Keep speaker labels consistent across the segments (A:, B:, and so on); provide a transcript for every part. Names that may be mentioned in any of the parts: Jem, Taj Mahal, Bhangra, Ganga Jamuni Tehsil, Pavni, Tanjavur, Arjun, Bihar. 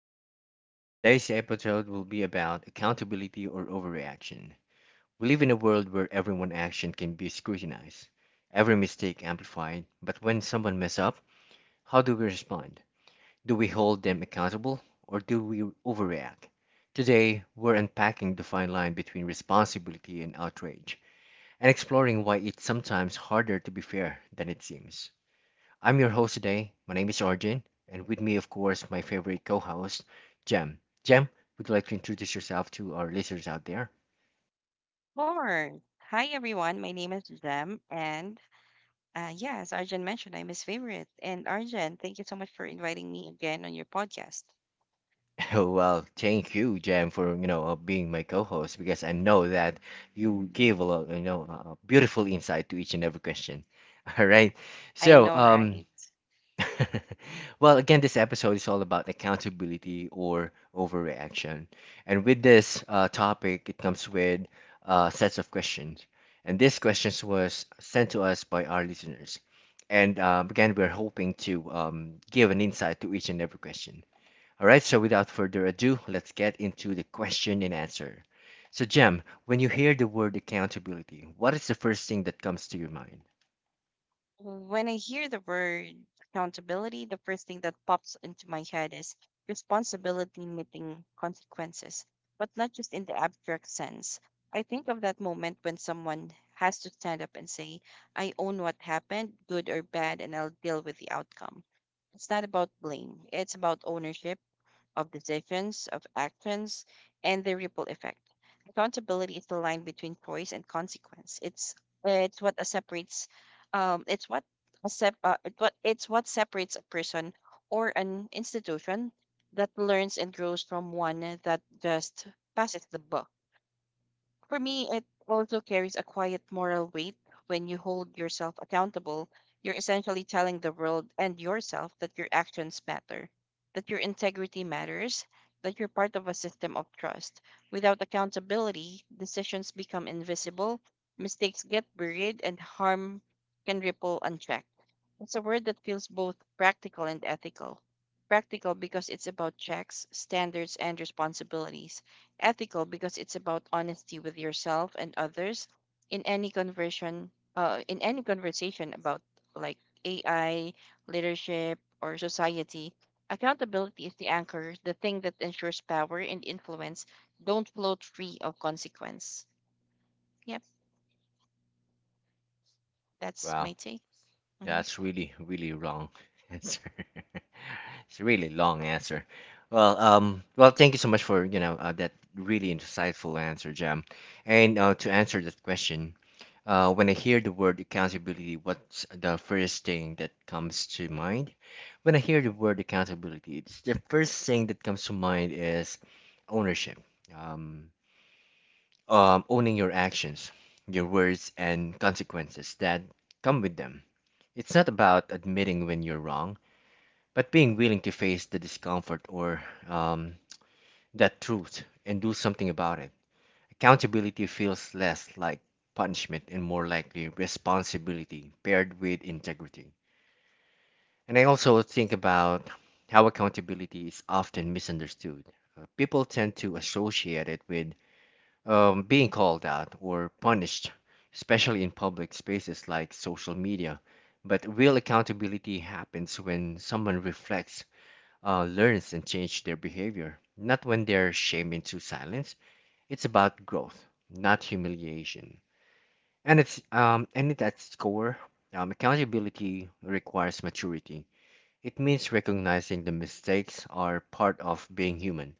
A: podcast. Today's episode will be about accountability or overreaction. We live in a world where everyone's action can be scrutinized, every mistake amplified. But when someone messes up, how do we respond? Do we hold them accountable or do we overreact? Today, we're unpacking the fine line between responsibility and outrage and exploring why it's sometimes harder to be fair than it seems. I'm your host today. My name is Arjun, and with me, of course, my favorite co host, Jem. Jem, would you like to introduce yourself to our listeners out there?
B: Sure. Hi, everyone. My name is Zem, and yeah, as Arjun mentioned, I'm his favorite. And Arjun, thank you so much for inviting me again on your podcast.
A: Oh, well, thank you, Jem, for being my co-host because I know that you give a lot, beautiful insight to each and every question. All right,
B: I
A: so
B: know,
A: um,
B: right?
A: Well, again, this episode is all about accountability or overreaction. And with this topic, it comes with sets of questions. And these questions was sent to us by our listeners. And again, we're hoping to give an insight to each and every question. All right, so without further ado, let's get into the question and answer. So, Jem, when you hear the word accountability, what is the first thing that comes to your mind?
B: When I hear the word accountability, the first thing that pops into my head is responsibility meeting consequences, but not just in the abstract sense. I think of that moment when someone has to stand up and say, I own what happened, good or bad, and I'll deal with the outcome. It's not about blame, it's about ownership of decisions, of actions, and the ripple effect. Accountability is the line between choice and consequence. It's what separates it's what a sep- it what it's what separates a person or an institution that learns and grows from one that just passes the buck. For me, it also carries a quiet moral weight. When you hold yourself accountable, you're essentially telling the world and yourself that your actions matter, that your integrity matters, that you're part of a system of trust. Without accountability, decisions become invisible, mistakes get buried, and harm can ripple unchecked. It's a word that feels both practical and ethical. Practical because it's about checks, standards, and responsibilities. Ethical because it's about honesty with yourself and others in any conversation about like AI, leadership, or society. Accountability is the anchor, the thing that ensures power and influence don't float free of consequence. Yep, that's my
A: Wow.
B: take.
A: That's really, really wrong answer. It's a really long answer. Well, well, thank you so much for, that really insightful answer, Jam. And to answer that question, when I hear the word accountability, what's the first thing that comes to mind? When I hear the word accountability, it's the first thing that comes to mind is ownership. Um, owning your actions, your words, and consequences that come with them. It's not about admitting when you're wrong, but being willing to face the discomfort or that truth and do something about it. Accountability feels less like punishment and more likely responsibility paired with integrity. And I also think about how accountability is often misunderstood. People tend to associate it with being called out or punished, especially in public spaces like social media. But real accountability happens when someone reflects, learns, and changes their behavior, not when they're shamed into silence. It's about growth, not humiliation. And at its core, accountability requires maturity. It means recognizing the mistakes are part of being human,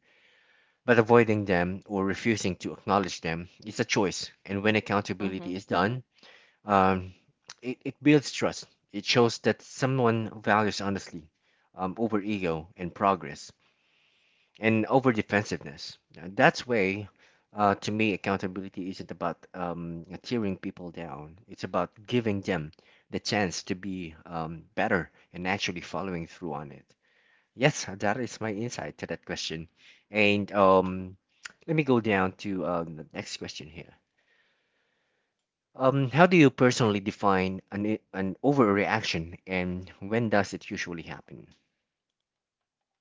A: but avoiding them or refusing to acknowledge them is a choice, and when
B: Mm-hmm.
A: accountability is done, um, it builds trust. It shows that someone values honesty over ego and progress and over defensiveness. And that's way, to me, accountability isn't about tearing people down. It's about giving them the chance to be better and actually following through on it. Yes, that is my insight to that question. And let me go down to the next question here. How do you personally define an overreaction and when does it usually happen?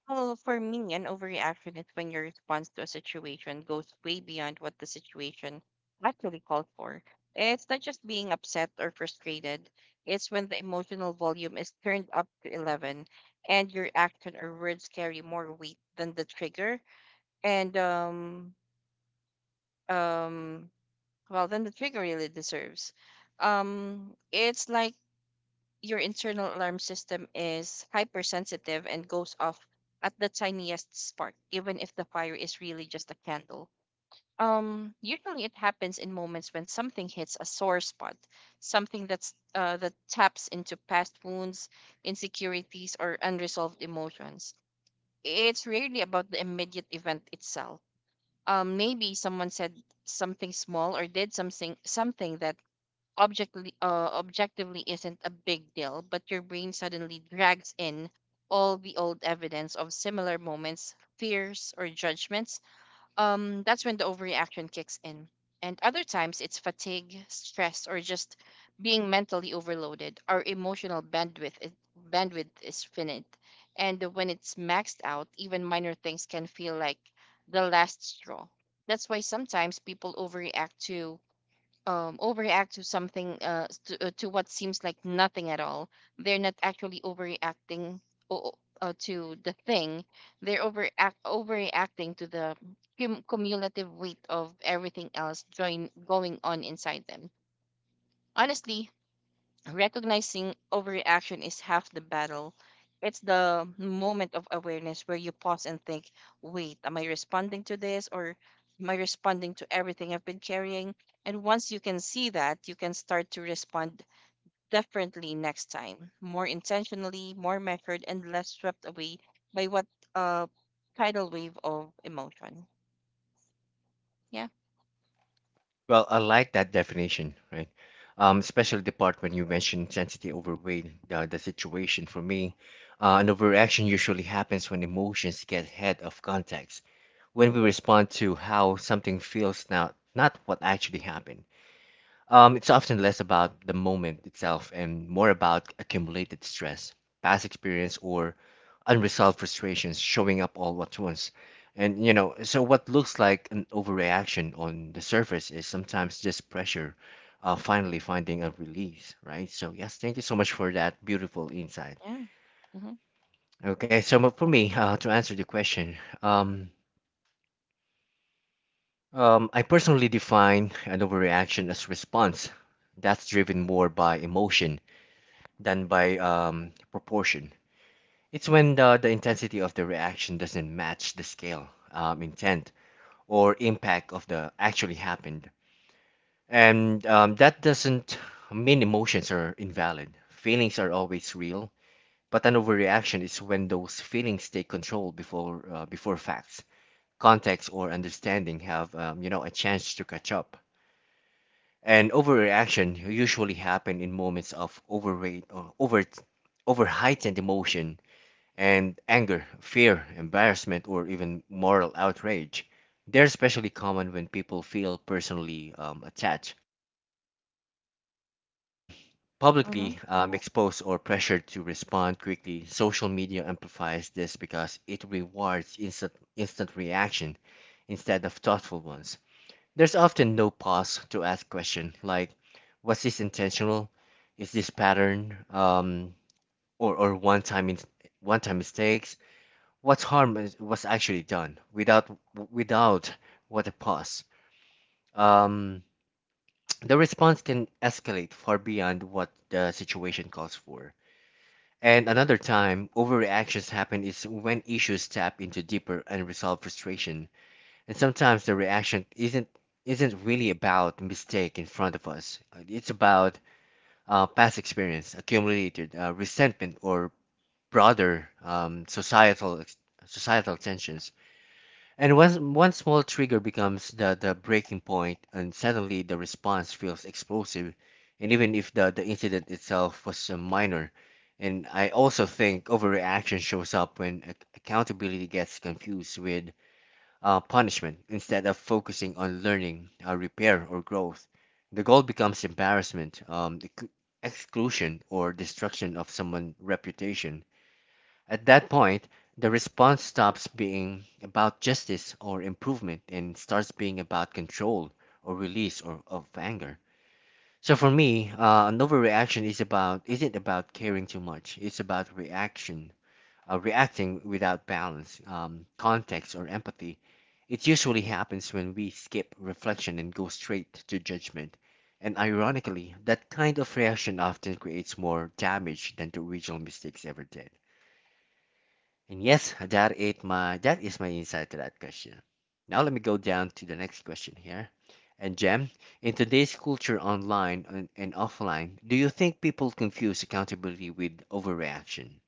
B: Well, for me, an overreaction is when your response to a situation goes way beyond what the situation actually called for. It's not just being upset or frustrated, it's when the emotional volume is turned up to 11 and your action or words carry more weight than the trigger and um well than the trigger really deserves. It's like your internal alarm system is hypersensitive and goes off at the tiniest spark, even if the fire is really just a candle. Usually it happens in moments when something hits a sore spot, something that taps into past wounds, insecurities, or unresolved emotions. It's rarely about the immediate event itself. Maybe someone said something small or did something that objectively isn't a big deal, but your brain suddenly drags in all the old evidence of similar moments, fears, or judgments. That's when the overreaction kicks in. And other times it's fatigue, stress, or just being mentally overloaded. Our emotional bandwidth is finite, and when it's maxed out, even minor things can feel like the last straw. That's why sometimes people overreact to to what seems like nothing at all. They're not actually overreacting o- to the thing. They're overact overreacting to the cumulative weight of everything else join going on inside them, honestly. Recognizing overreaction is half the battle. It's the moment of awareness where you pause and think, wait, am I responding to this or am I responding to everything I've been carrying? And once you can see that, you can start to respond differently next time, more intentionally, more measured, and less swept away by what uh tidal wave of emotion. Yeah,
A: Well, I like that definition, right? Especially the part when you mentioned sensitive overweight, the situation for me. An overreaction usually happens when emotions get ahead of context, when we respond to how something feels, not what actually happened. It's often less about the moment itself and more about accumulated stress, past experience, or unresolved frustrations showing up all at once. And, you know, so what looks like an overreaction on the surface is sometimes just pressure finally finding a release, right? So, yes, thank you so much for that beautiful insight.
B: yeah.
A: Okay, for me, to answer the question, um, I personally define an overreaction as response that's driven more by emotion than by proportion. It's when the intensity of the reaction doesn't match the scale, intent, or impact of the actually happened. And that doesn't mean emotions are invalid. Feelings are always real, but an overreaction is when those feelings take control before facts, context, or understanding have a chance to catch up. And overreaction usually happen in moments of overweight or over heightened emotion and anger, fear, embarrassment, or even moral outrage. They're especially common when people feel personally attached, um,
B: Mm-hmm.
A: publicly exposed, or pressured to respond quickly. Social media amplifies this because it rewards instant reaction instead of thoughtful ones. There's often no pause to ask questions like, was this intentional? Is this pattern or one-time mistakes? What was actually done without without what a pause? Um, the response can escalate far beyond what the situation calls for. And another time, overreactions happen is when issues tap into deeper unresolved frustration. And sometimes the reaction isn't really about mistake in front of us. It's about past experience, accumulated resentment, or broader societal tensions. And one small trigger becomes the breaking point, and suddenly the response feels explosive. And even if the incident itself was minor, and I also think overreaction shows up when accountability gets confused with punishment instead of focusing on learning, repair, or growth. The goal becomes embarrassment, exclusion, or destruction of someone's reputation at that point, the response stops being about justice or improvement and starts being about control or release or of anger. So for me, an overreaction is about isn't about caring too much. It's about reacting without balance, context, or empathy. It usually happens when we skip reflection and go straight to judgment. And ironically, that kind of reaction often creates more damage than the original mistakes ever did. And yes, that is my insight to that question. Now let me go down to the next question here. And Jem, in today's culture online and offline, do you think people confuse accountability with overreaction?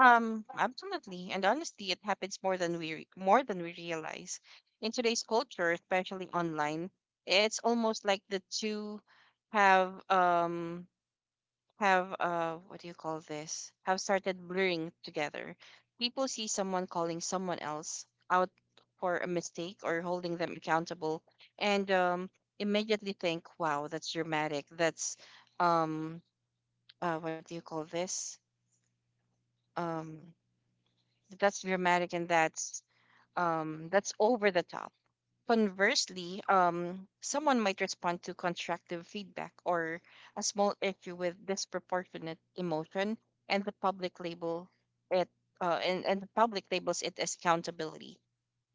B: Absolutely. And honestly, it happens more than more than we realize. In today's culture, especially online, it's almost like the two have um have what do you call this? Have started blurring together. People see someone calling someone else out for a mistake or holding them accountable and immediately think, wow, that's dramatic. That's um what do you call this? Um that's dramatic and that's That's over the top. Conversely, someone might respond to constructive feedback or a small issue with disproportionate emotion, and the it public labels it as accountability.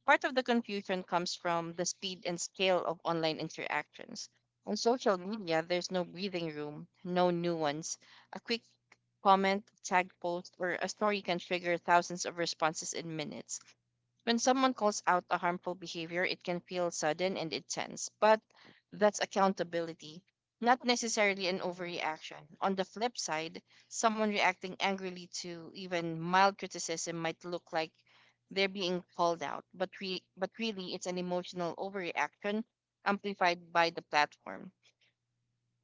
B: Part of the confusion comes from the speed and scale of online interactions. On social media, there's no breathing room, no nuance. A quick comment, tag post, or a story can trigger thousands of responses in minutes when someone calls out a harmful behavior. It can feel sudden and intense, but that's accountability, not necessarily an overreaction. On the flip side, someone reacting angrily to even mild criticism might look like they're being called out, but really it's an emotional overreaction amplified by the platform.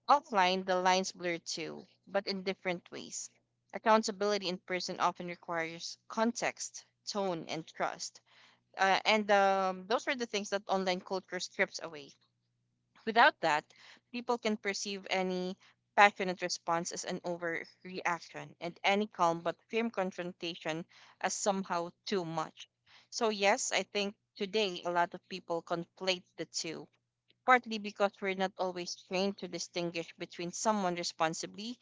B: Offline, the lines blur too, but in different ways. Accountability in person often requires context, tone, and trust, and those are the things that online culture strips away. Without that, people can perceive any passionate response as an overreaction and any calm but firm confrontation as somehow too much. So, yes, I think today a lot of people conflate the two, partly because we're not always trained to distinguish between someone responsibly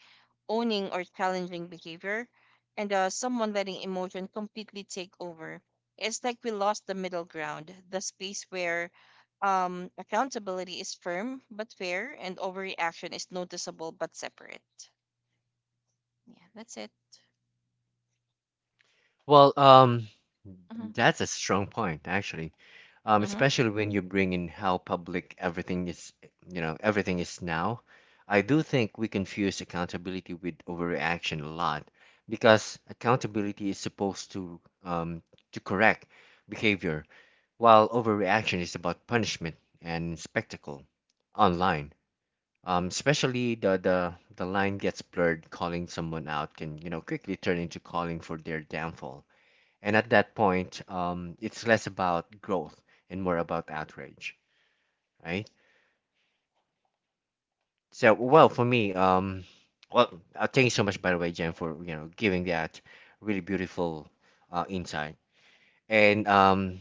B: owning or challenging behavior, and someone letting emotion completely take over. It's like we lost the middle ground, the space where accountability is firm but fair, and overreaction is noticeable but separate. Yeah, that's it.
A: Well,
B: Mm-hmm.
A: that's a strong point, actually.
B: Mm-hmm.
A: Especially when you bring in how public everything is, you know, everything is now. I do think we confuse accountability with overreaction a lot because accountability is supposed to correct behavior, while overreaction is about punishment and spectacle online. Especially the line gets blurred, calling someone out can, you know, quickly turn into calling for their downfall. And at that point, it's less about growth and more about outrage, right? So, well, for me, well, thank you so much, by the way, Jen, for giving that really beautiful insight. And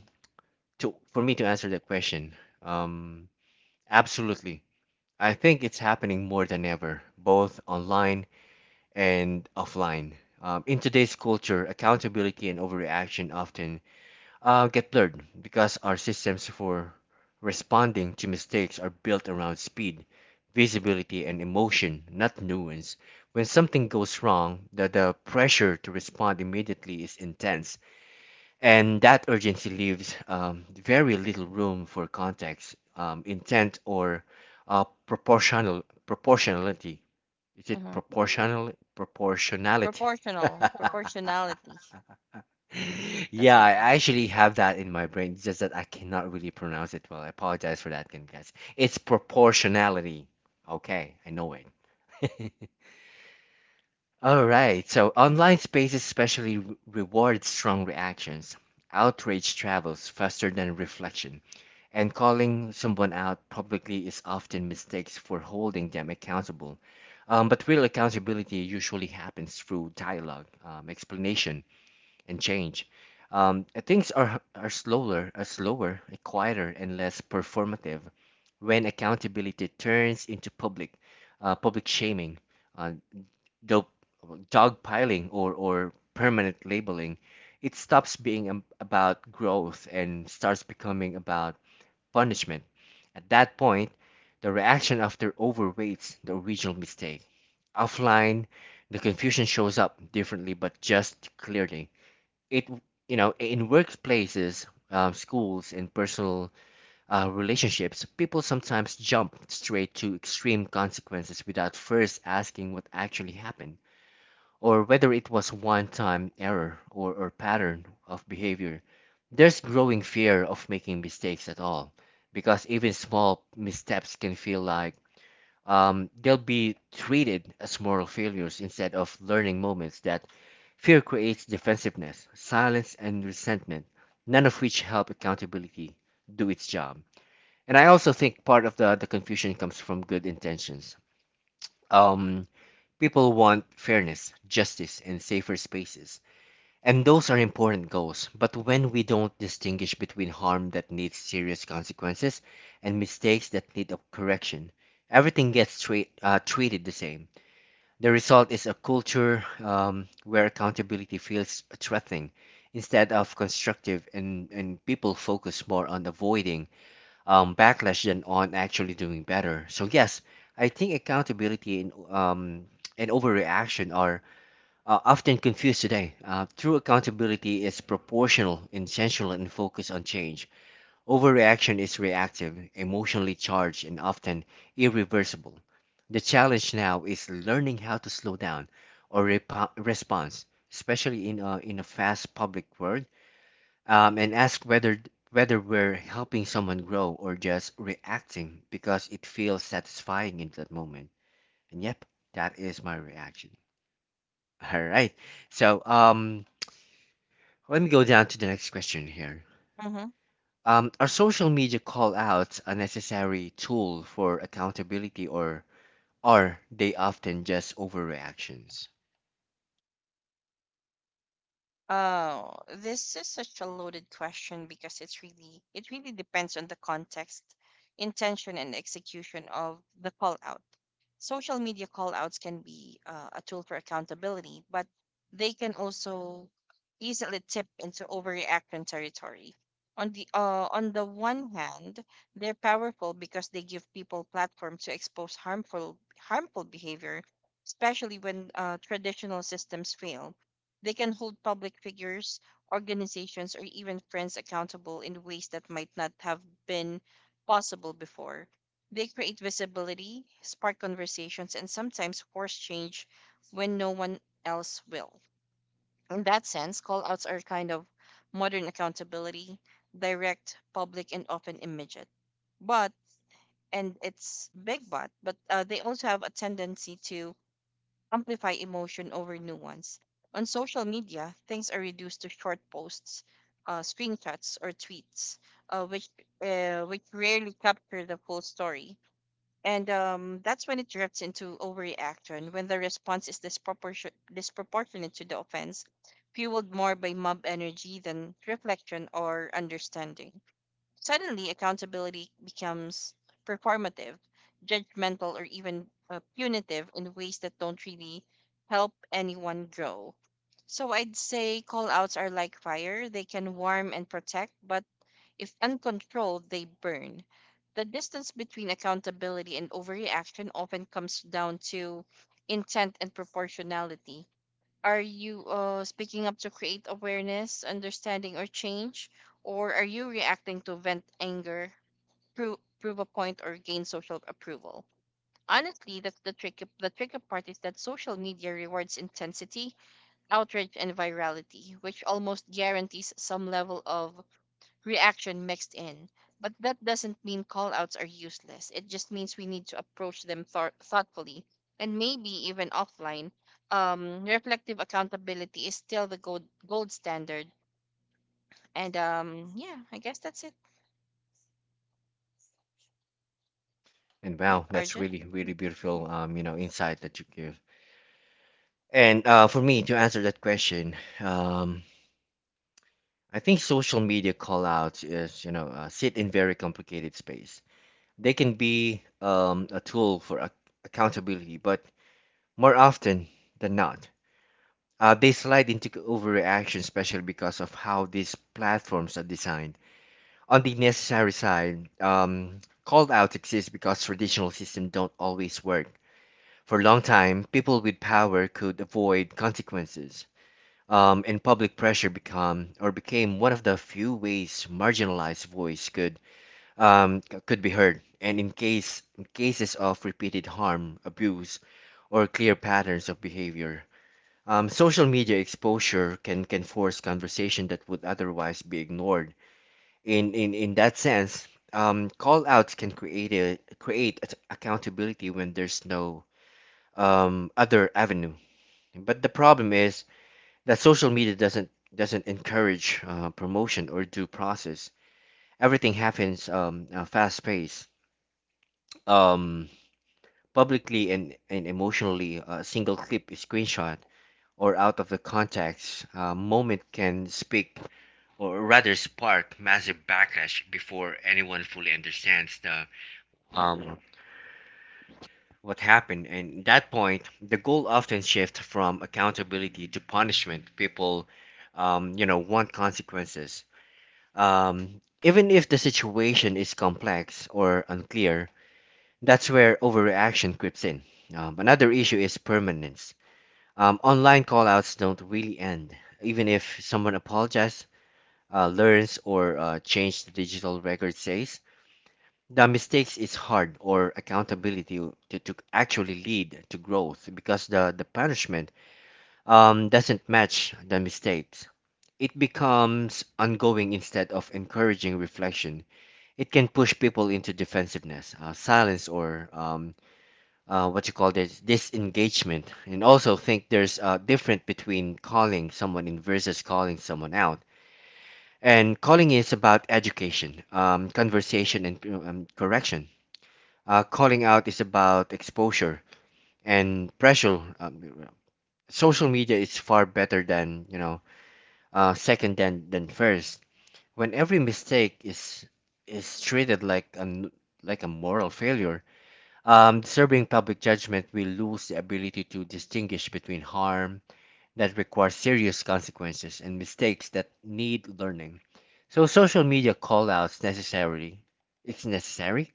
A: to for me to answer that question, um, absolutely, I think it's happening more than ever, both online and offline. In today's culture, accountability and overreaction often get blurred because our systems for responding to mistakes are built around speed, visibility, and emotion, not nuance. When something goes wrong, the pressure to respond immediately is intense, and that urgency leaves very little room for context, intent, or proportionality. Is it
B: Mm-hmm.
A: proportionality?
B: Proportional, proportionality. That's
A: Yeah,
B: all
A: I
B: right.
A: actually have that in my brain. It's just that I cannot really pronounce it well. I apologize for that, again, guys. It's proportionality. Okay, I know it. All right, so online spaces especially reward strong reactions. Outrage travels faster than reflection, and calling someone out publicly is often mistakes for holding them accountable. But real accountability usually happens through dialogue, explanation, and change. Things are slower, quieter, and less performative when accountability turns into public shaming, uh, dog, dog piling, or permanent labeling. It stops being about growth and starts becoming about punishment. At that point, the reaction after overweights the original mistake. Offline, the confusion shows up differently but just clearly it you know in workplaces schools and personal relationships people sometimes jump straight to extreme consequences without first asking what actually happened or whether it was one time error or pattern of behavior there's growing fear of making mistakes at all because even small missteps can feel like they'll be treated as moral failures instead of learning moments that fear creates defensiveness, silence, and resentment, none of which help accountability do its job. And I also think part of the confusion comes from good intentions. Um, people want fairness, justice, and safer spaces. And those are important goals. But when we don't distinguish between harm that needs serious consequences and mistakes that need a correction, everything gets treated the same. The result is a culture where accountability feels threatening instead of constructive, and people focus more on avoiding backlash than on actually doing better. So, yes, I think accountability and overreaction are often confused today. True accountability is proportional, intentional, and focused on change. Overreaction is reactive, emotionally charged, and often irreversible. The challenge now is learning how to slow down or repo response, especially in a fast public world, and ask whether we're helping someone grow or just reacting because it feels satisfying in that moment. And yep, that is my reaction. All right. So um, Let me go down to the next question here.
B: Mm-hmm.
A: Are social media call outs a necessary tool for accountability, or are they often just overreactions?
B: Oh, this is such a loaded question because it really depends on the context, intention, and execution of the call out. Social media call outs can be a tool for accountability, but they can also easily tip into overreaction territory. On the one hand, they're powerful because they give people platform to expose harmful behavior, especially when traditional systems fail. They can hold public figures, organizations, or even friends accountable in ways that might not have been possible before. They create visibility, spark conversations, and sometimes force change when no one else will. In that sense, call outs are kind of modern accountability, direct, public, and often immediate. But, and it's big but, they also have a tendency to amplify emotion over nuance. On social media, things are reduced to short posts, screenshots, or tweets, uh, which which rarely capture the full story. And that's when it drifts into overreaction, when the response is disproportionate to the offense, fueled more by mob energy than reflection or understanding. Suddenly, accountability becomes performative, judgmental, or even punitive in ways that don't really help anyone grow. So I'd say call outs are like fire. They can warm and protect, but if uncontrolled, they burn. The distance between accountability and overreaction often comes down to intent and proportionality. Are you speaking up to create awareness, understanding, or change? Or are you reacting to vent anger, prove a point, or gain social approval? Honestly, the tricky part is that social media rewards intensity, outrage, and virality, which almost guarantees some level of reaction mixed in. But that doesn't mean callouts are useless. It just means we need to approach them thoughtfully and maybe even offline. Reflective accountability is still the gold standard. And yeah, I guess that's it.
A: And
B: Yeah,
A: wow, that's
B: Arjun?
A: really, really beautiful, insight that you give. And For me to answer that question, I think social media call outs is, sit in very complicated space. They can be a tool for accountability, but more often than not, they slide into overreaction, especially because of how these platforms are designed. On the necessary side, call outs exist because traditional systems don't always work. For a long time, people with power could avoid consequences, and public pressure become or became one of the few ways marginalized voice could could be heard. And in cases of repeated harm, abuse, or clear patterns of behavior, social media exposure can force conversation that would otherwise be ignored. In that sense, call outs can create accountability when there's no other avenue. But the problem is that social media doesn't encourage promotion or due process. Everything happens fast paced, um, publicly and emotionally. A single clip, a screenshot, or out of the context moment can speak or rather spark massive backlash before anyone fully understands the um, what happened. And at that point, the goal often shifts from accountability to punishment. People want consequences, even if the situation is complex or unclear. That's where overreaction creeps in. Another issue is permanence. Online callouts don't really end, even if someone apologizes, learns, or changes the digital record says. The mistakes is hard or accountability to actually lead to growth because the punishment doesn't match the mistakes. It becomes ongoing instead of encouraging reflection. It can push people into defensiveness, silence, or what you call this disengagement. And also think there's a difference between calling someone in versus calling someone out. And calling is about education, conversation, and correction. Calling out is about exposure and pressure. Social media is far better than second than first. When every mistake is treated like an like a moral failure, disturbing public judgment, we lose the ability to distinguish between harm that requires serious consequences and mistakes that need learning. So social media callouts necessarily, it's necessary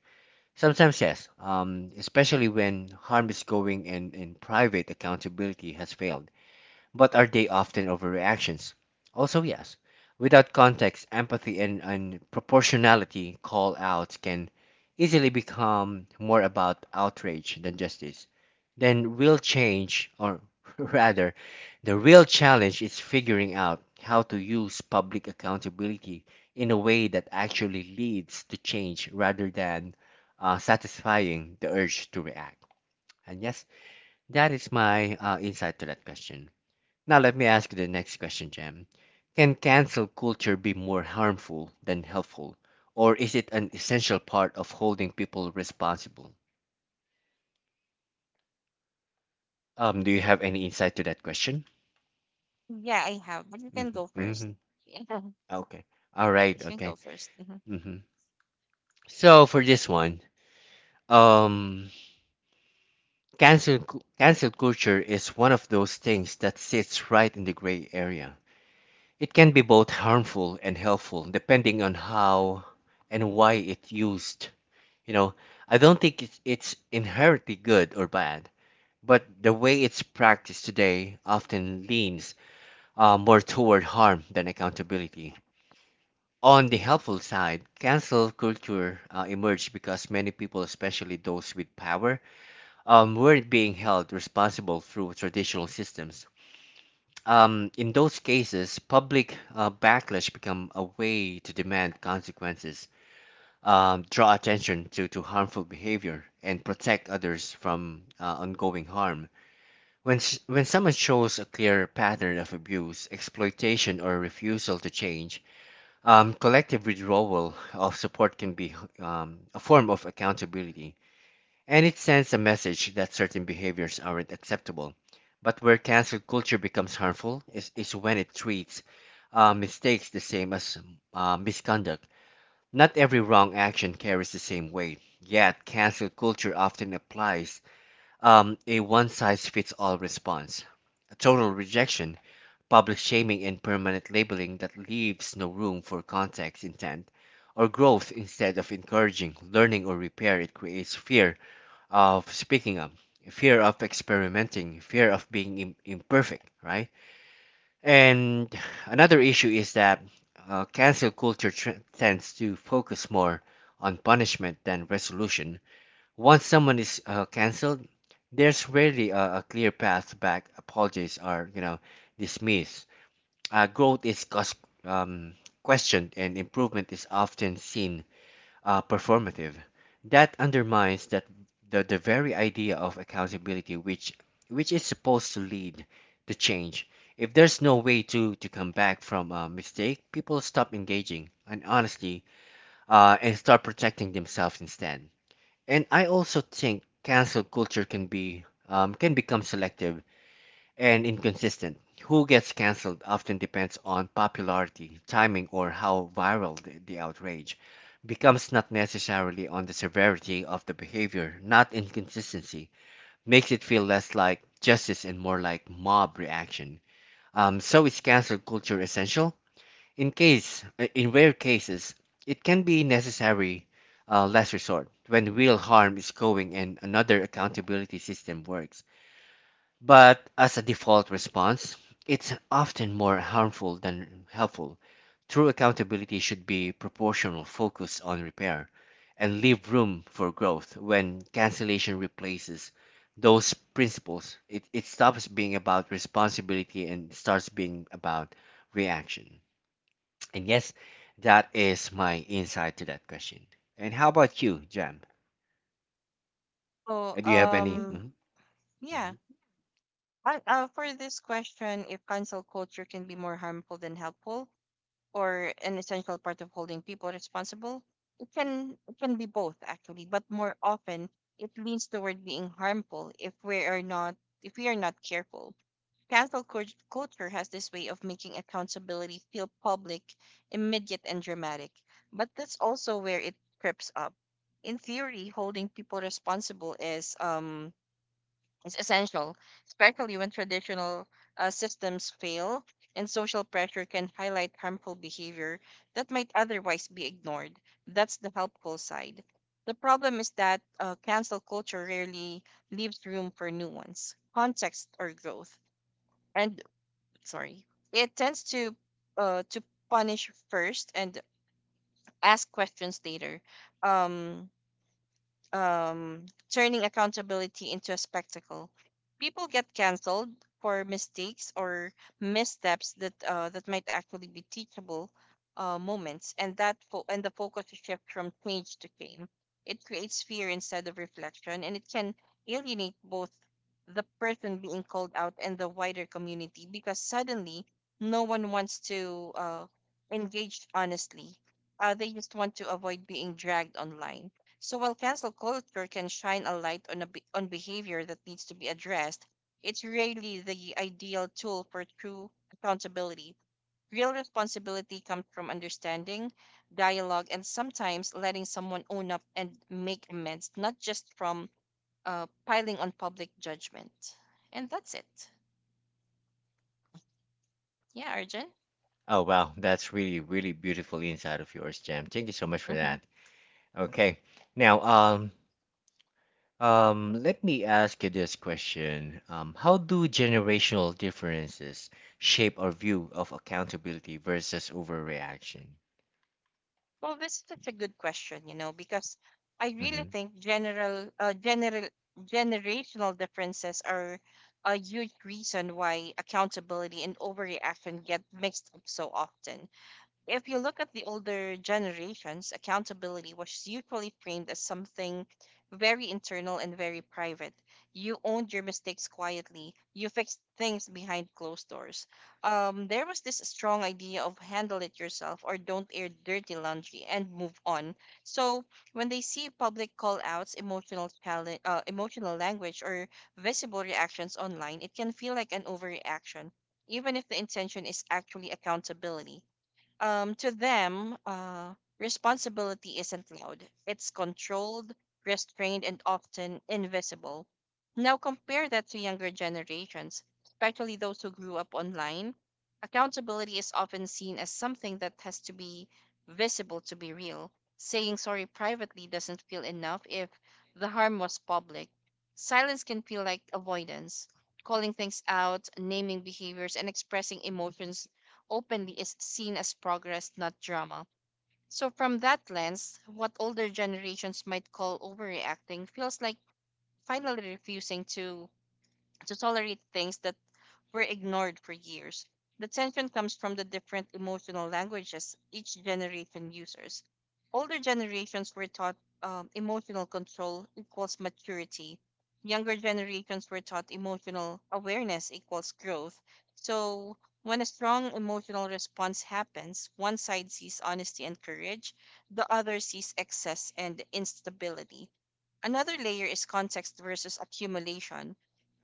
A: sometimes, yes, especially when harm is going and private accountability has failed, but are they often overreactions? Also, yes. Without context, empathy and proportionality, call outs can easily become more about outrage than justice. Then real change, or rather, the real challenge is figuring out how to use public accountability in a way that actually leads to change rather than satisfying the urge to react. And yes, that is my insight to that question. Now, let me ask you the next question, Jam. Can cancel culture be more harmful than helpful, or is it an essential part of holding people responsible? Do you have any insight to that question?
B: Yeah, I have, but you can
A: Mm-hmm,
B: go first.
A: mm-hmm.
B: Yeah, you
A: Okay. All right.
B: can go
A: Okay.
B: 1st. Hmm.
A: Mm-hmm. So for this one, um, cancel cancel culture is one of those things that sits right in the gray area. It can be both harmful and helpful, depending on how and why it's used. You know, I don't think it's inherently good or bad, but the way it's practiced today often leans more toward harm than accountability. On the helpful side, cancel culture emerged because many people, especially those with power, weren't being held responsible through traditional systems. In those cases, public backlash become a way to demand consequences, draw attention to harmful behavior, and protect others from ongoing harm. When someone shows a clear pattern of abuse, exploitation, or refusal to change, collective withdrawal of support can be a form of accountability. And it sends a message that certain behaviors aren't acceptable. But where cancel culture becomes harmful is when it treats mistakes the same as misconduct. Not every wrong action carries the same weight, yet cancel culture often applies a one size fits all response. A total rejection, public shaming, and permanent labeling that leaves no room for context, intent, or growth instead of encouraging, learning, or repair. It creates fear of speaking up, fear of experimenting, fear of being imperfect, right? And another issue is that cancel culture tends to focus more on punishment than resolution. Once someone is canceled, there's rarely a clear path back. Apologies are, dismissed. Growth is um, questioned, and improvement is often seen performative. That undermines that the very idea of accountability, which is supposed to lead to change. If there's no way to come back from a mistake, people stop engaging and honestly and start protecting themselves instead. And I also think cancel culture can be can become selective and inconsistent. Who gets cancelled often depends on popularity, timing, or how viral the outrage becomes, not necessarily on the severity of the behavior, not inconsistency, makes it feel less like justice and more like mob reaction. So is cancel culture essential? In rare cases, it can be necessary, less resort, when real harm is going and another accountability system works. But as a default response, it's often more harmful than helpful. True accountability should be proportional, focus on repair, and leave room for growth. When cancellation replaces those principles, it stops being about responsibility and starts being about reaction. And yes, that is my insight to that question. And how about you, Jam?
B: So,
A: Do you have any? Mhm. Mhm,
B: yeah.
A: mhm.
B: For this question, if cancel culture can be more harmful than helpful, or an essential part of holding people responsible. It can be both actually, but more often it leans toward being harmful if we are not careful. Culture has this way of making accountability feel public, immediate, and dramatic. But that's also where it trips up. In theory, holding people responsible is essential, especially when traditional systems fail, and social pressure can highlight harmful behavior that might otherwise be ignored. That's the helpful side. The problem is that cancel culture rarely leaves room for nuance, context, or growth. And sorry, it tends to punish first and ask questions later. Um, um, Turning accountability into a spectacle. People get canceled for mistakes or missteps that might actually be teachable moments, and the focus shift from change to shame. It creates fear instead of reflection, and it can alienate both the person being called out and the wider community because suddenly no one wants to engage honestly. They just want to avoid being dragged online. So while cancel culture can shine a light on on behavior that needs to be addressed, it's rarely the ideal tool for true accountability. Real responsibility comes from understanding, dialogue, and sometimes letting someone own up and make amends, not just from piling on public judgment. And that's it. Yeah, Arjun.
A: Oh, wow. That's really, really beautiful insight of yours, Jam. Thank you so much for that. Okay. Now, let me ask you this question. How do generational differences shape our view of accountability versus overreaction?
B: Well, that's such a good question, you know, because I really
A: Mm-hmm.
B: think generational differences are a huge reason why accountability and overreaction get mixed up so often. If you look at the older generations, accountability was usually framed as something very internal and very private. You owned your mistakes quietly, you fixed things behind closed doors. There was this strong idea of handle it yourself or don't air dirty laundry and move on. So when they see public call outs, emotional, challenge, emotional language, or visible reactions online, it can feel like an overreaction, even if the intention is actually accountability to them, responsibility isn't loud. It's controlled, restrained, and often invisible. Now compare that to younger generations, especially those who grew up online. Accountability is often seen as something that has to be visible to be real. Saying sorry privately doesn't feel enough if the harm was public. Silence can feel like avoidance. Calling things out, naming behaviors, and expressing emotions openly is seen as progress, not drama. So, from that lens, what older generations might call overreacting feels like finally refusing to tolerate things that were ignored for years. The tension comes from the different emotional languages each generation uses. Older generations were taught emotional control equals maturity. Younger generations were taught emotional awareness equals growth. So, when a strong emotional response happens, one side sees honesty and courage, the other sees excess and instability. Another layer is context versus accumulation.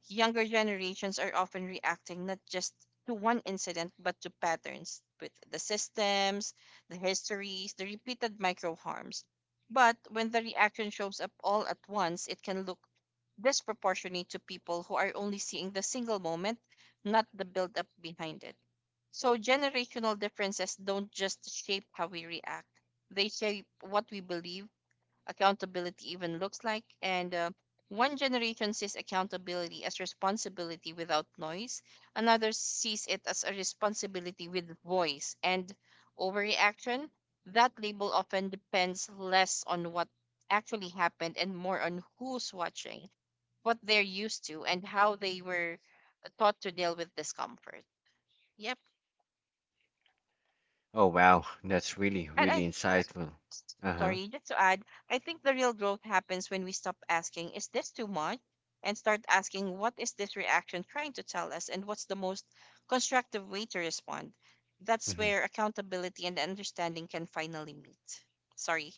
B: Younger generations are often reacting not just to one incident but to patterns with the systems, the histories, the repeated micro harms. But when the reaction shows up all at once, it can look disproportionate to people who are only seeing the single moment, not the build up behind it. So generational differences don't just shape how we react. They shape what we believe accountability even looks like. And One generation sees accountability as responsibility without noise, another sees it as a responsibility with voice and overreaction. That label often depends less on what actually happened and more on who's watching, what they're used to, and how they were taught to deal with discomfort. Yep.
A: Oh, wow. That's really,
B: And I
A: really insightful. Uh-huh.
B: Sorry, just to add, I think the real growth happens when we stop asking, is this too much? And start asking, what is this reaction trying to tell us? And what's the most constructive way to respond? That's
A: Hmm.
B: where accountability and understanding can finally meet. Sorry,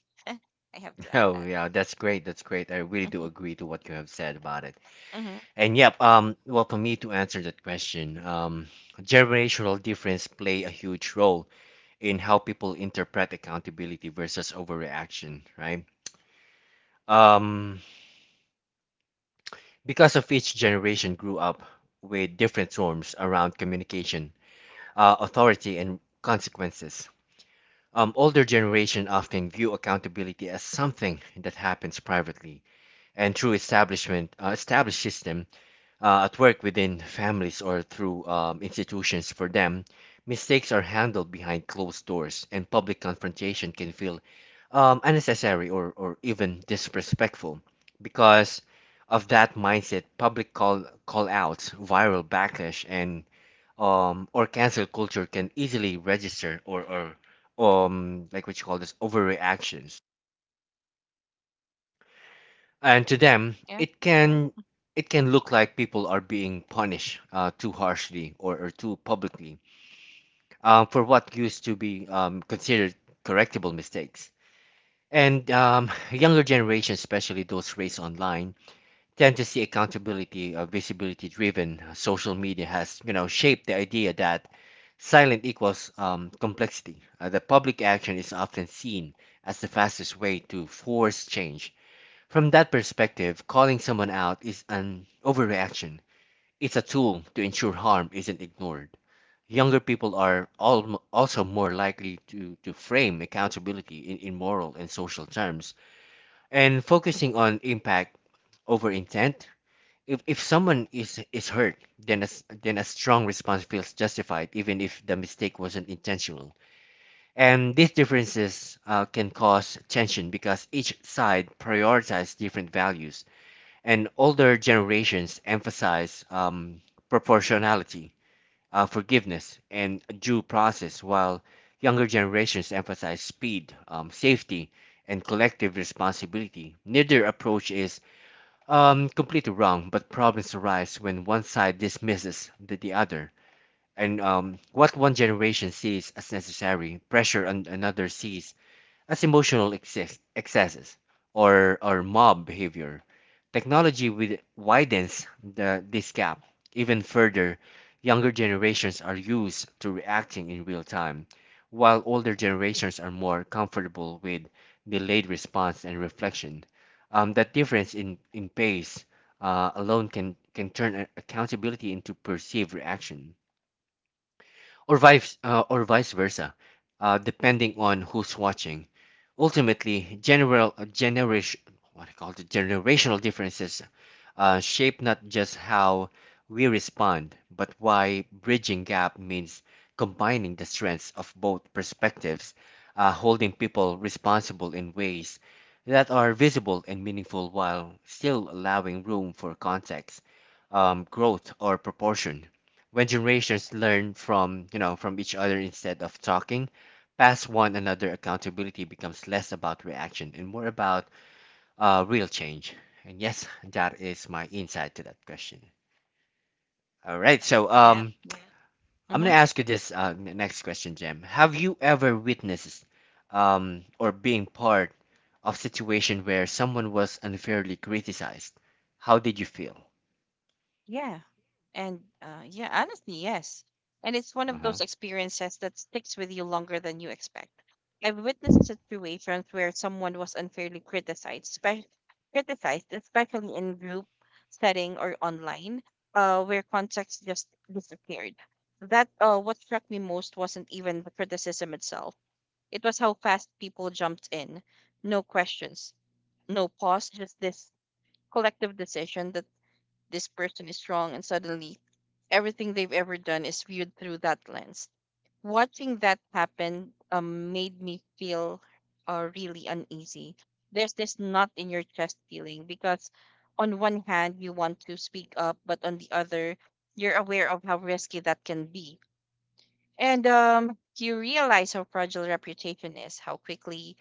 B: I have to add
A: Oh,
B: that.
A: yeah. That's great. That's great. I really do
B: Mm-hmm.
A: agree to what you have said about it.
B: Mm-hmm.
A: And yep, well, for me to answer that question, generational difference play a huge role in how people interpret accountability versus overreaction, right? Um, because of each generation grew up with different norms around communication, authority, and consequences. Older generation often view accountability as something that happens privately and through establishment, established system, at work, within families, or through institutions. For them, mistakes are handled behind closed doors and public confrontation can feel unnecessary, or even disrespectful. Because of that mindset, public call outs, viral backlash, and or cancel culture can easily register, or like what you call this, overreactions. And to them
B: Yeah.
A: it can look like people are being punished too harshly, or too publicly for what used to be considered correctable mistakes. And Younger generations, especially those raised online, tend to see accountability visibility driven. Social media has, shaped the idea that silent equals complexity. The public action is often seen as the fastest way to force change. From that perspective, calling someone out is an overreaction. It's a tool to ensure harm isn't ignored. Younger people are also more likely to frame accountability in moral and social terms and focusing on impact over intent. If someone is hurt, then then a strong response feels justified, even if the mistake wasn't intentional. And these differences can cause tension because each side prioritizes different values. And older generations emphasize proportionality, forgiveness, and due process, while younger generations emphasize speed, safety, and collective responsibility. Neither approach is completely wrong, but problems arise when one side dismisses the other. And What one generation sees as necessary pressure, on another sees as emotional excess, excesses or mob behavior. Technology widens this gap even further. Younger generations are used to reacting in real time, while older generations are more comfortable with delayed response and reflection. That difference in pace alone can turn accountability into perceived reaction or vice versa, depending on who's watching. Ultimately, general generation what I call the generational differences shape not just how we respond, but why bridging gap means combining the strengths of both perspectives, holding people responsible in ways that are visible and meaningful while still allowing room for context, growth, or proportion. When generations learn from you know from each other instead of talking past one another, accountability becomes less about reaction and more about real change. And yes, that is my insight to that question. All right, so
B: Yeah.
A: I'm
B: Mm-hmm.
A: gonna ask you this next question, Jim. Have you ever witnessed or being part of situation where someone was unfairly criticized? How did you feel?
B: Yeah. Honestly, yes. And it's one of
A: Uh-huh.
B: those experiences that sticks with you longer than you expect. I've witnessed situations where someone was unfairly criticized, criticized, especially in group setting or online, where context just disappeared. That What struck me most wasn't even the criticism itself. It was how fast people jumped in. No questions, no pause, just this collective decision that this person is strong and suddenly everything they've ever done is viewed through that lens. Watching that happen made me feel really uneasy. There's this knot in your chest feeling because, on one hand, you want to speak up, but on the other, you're aware of how risky that can be. And You realize how fragile reputation is, how quickly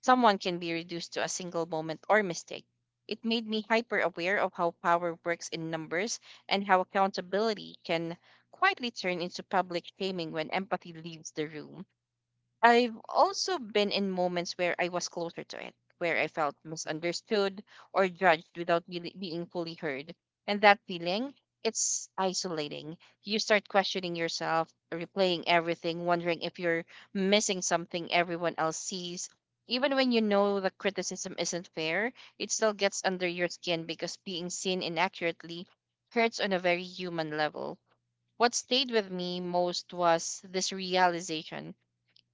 B: someone can be reduced to a single moment or mistake. It made me hyper aware of how power works in numbers and how accountability can quietly turn into public shaming when empathy leaves the room. I've also been in moments where I was closer to it, where I felt misunderstood or judged without really being fully heard. And that feeling, it's isolating. You start questioning yourself, replaying everything, wondering if you're missing something everyone else sees. Even when you know the criticism isn't fair, it still gets under your skin because being seen inaccurately hurts on a very human level. What stayed with me most was this realization.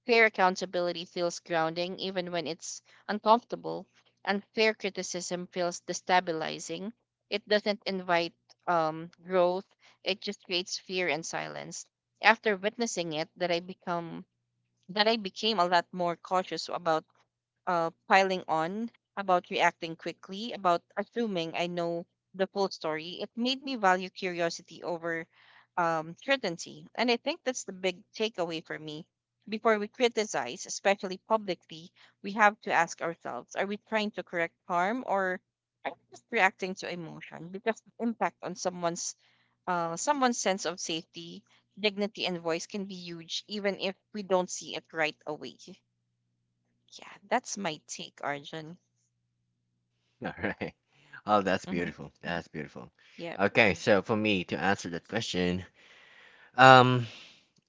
B: Fair accountability feels grounding even when it's uncomfortable. And fair criticism feels destabilizing. It doesn't invite growth, it just creates fear and silence. After witnessing it, that I become that I became a lot more cautious about piling on, about reacting quickly, about assuming I know the full story. It made me value curiosity over certainty. And I think that's the big takeaway for me. Before we criticize, especially publicly, we have to ask ourselves, are we trying to correct harm or are we just reacting to emotion? Because the impact on someone's sense of safety, dignity, and voice can be huge, even if we don't see it right away. Yeah, that's my take, Arjun.
A: All right. Oh, that's
B: Mm-hmm.
A: beautiful. That's beautiful.
B: Yeah.
A: Okay, so for me to answer that question, um,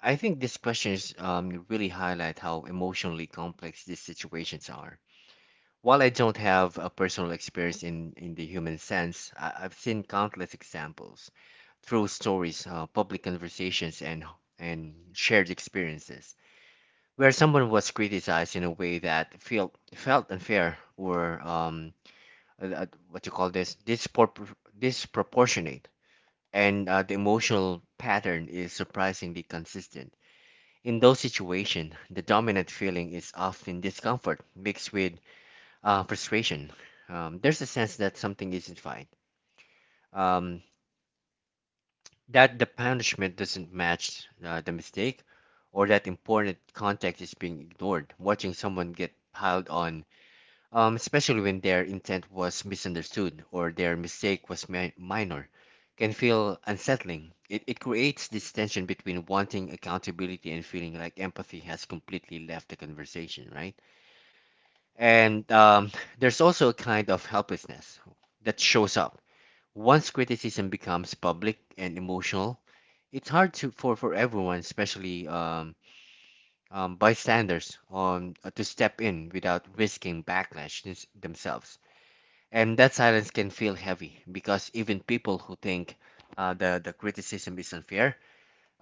A: I think this question is really highlight how emotionally complex these situations are. While I don't have a personal experience in the human sense, I've seen countless examples through stories, public conversations, and shared experiences where someone was criticized in a way that felt unfair or uh, uh, what you call this, disproportionate. And the emotional pattern is surprisingly consistent. In those situations, the dominant feeling is often discomfort mixed with frustration. There's a sense that something isn't fine, um, that the punishment doesn't match the mistake, or that important context is being ignored. Watching someone get piled on, especially when their intent was misunderstood or their mistake was minor, can feel unsettling. It creates this tension between wanting accountability and feeling like empathy has completely left the conversation, right? And there's also a kind of helplessness that shows up. Once criticism becomes public and emotional, it's hard to for everyone, especially bystanders, on to step in without risking backlash themselves. And that silence can feel heavy because even people who think the criticism is unfair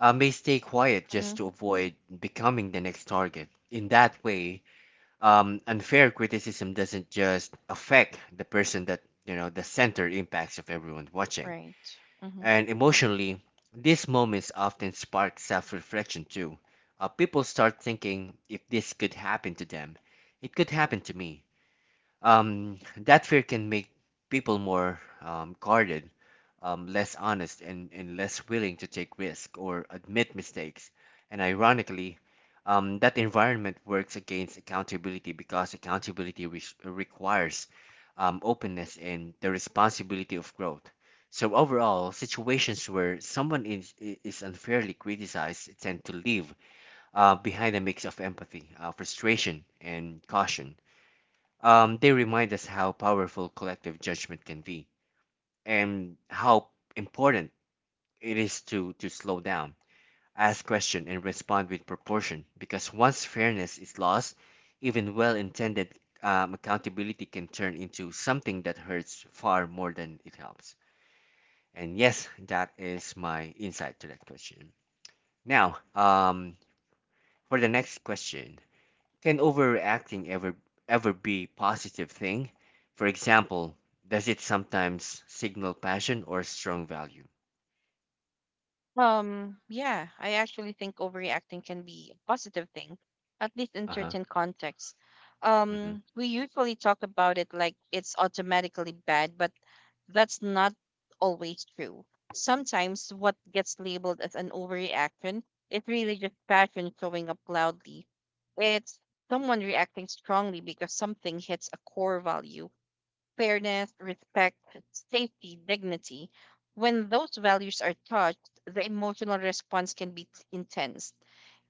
A: may stay quiet
B: Mm-hmm.
A: just to avoid becoming the next target. In that way, unfair criticism doesn't just affect the person that the center impacts of everyone watching.
B: Right. Mm-hmm.
A: And emotionally, these moments often spark self reflection too. People start thinking if this could happen to them, it could happen to me. That fear can make people more guarded, less honest, and less willing to take risk or admit mistakes. And ironically, that environment works against accountability because accountability requires openness and the responsibility of growth. So overall, situations where someone is unfairly criticized tend to leave behind a mix of empathy, frustration, and caution. They remind us how powerful collective judgment can be and how important it is to slow down, ask questions, and respond with proportion. Because once fairness is lost, even well intended accountability can turn into something that hurts far more than it helps. And yes, that is my insight to that question. Now, for the next question. Can overreacting ever be positive thing? For example, does it sometimes signal passion or strong value?
B: Yeah, I actually think overreacting can be a positive thing, at least in
A: Uh huh.
B: certain contexts.
A: Hmm.
B: We usually talk about it like it's automatically bad, but that's not always true. Sometimes what gets labeled as an overreaction is really just passion showing up loudly. It's someone reacting strongly because something hits a core value: fairness, respect, safety, dignity. When those values are touched, the emotional response can be intense.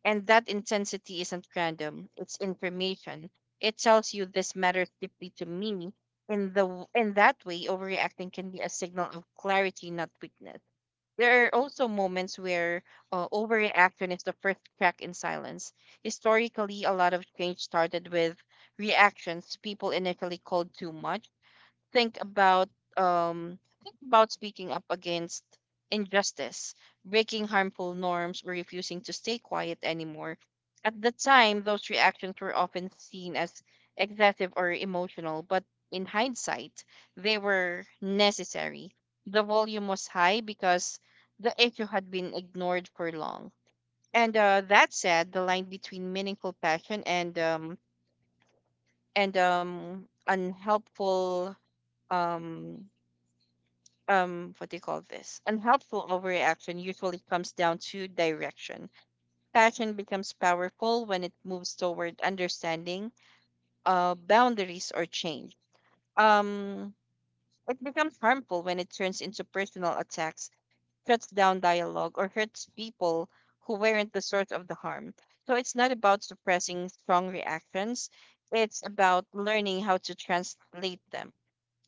B: And that intensity isn't random, it's information. It tells you this matters deeply to me. In that way, overreacting can be a signal of clarity, not weakness. There are also moments where overreaction is the first crack in silence. Historically, a lot of change started with reactions people initially called too much. Think about um speaking up against injustice, breaking harmful norms, or refusing to stay quiet anymore. At the time, those reactions were often seen as excessive or emotional, but in hindsight, they were necessary. The volume was high because the issue had been ignored for long. And That said, the line between meaningful passion and unhelpful um, what do you call this unhelpful overreaction usually comes down to direction. Passion becomes powerful when it moves toward understanding, boundaries, or change. um it becomes harmful when it turns into personal attacks, shuts down dialogue, or hurts people who weren't the source of the harm. So it's not about suppressing strong reactions, it's about learning how to translate them.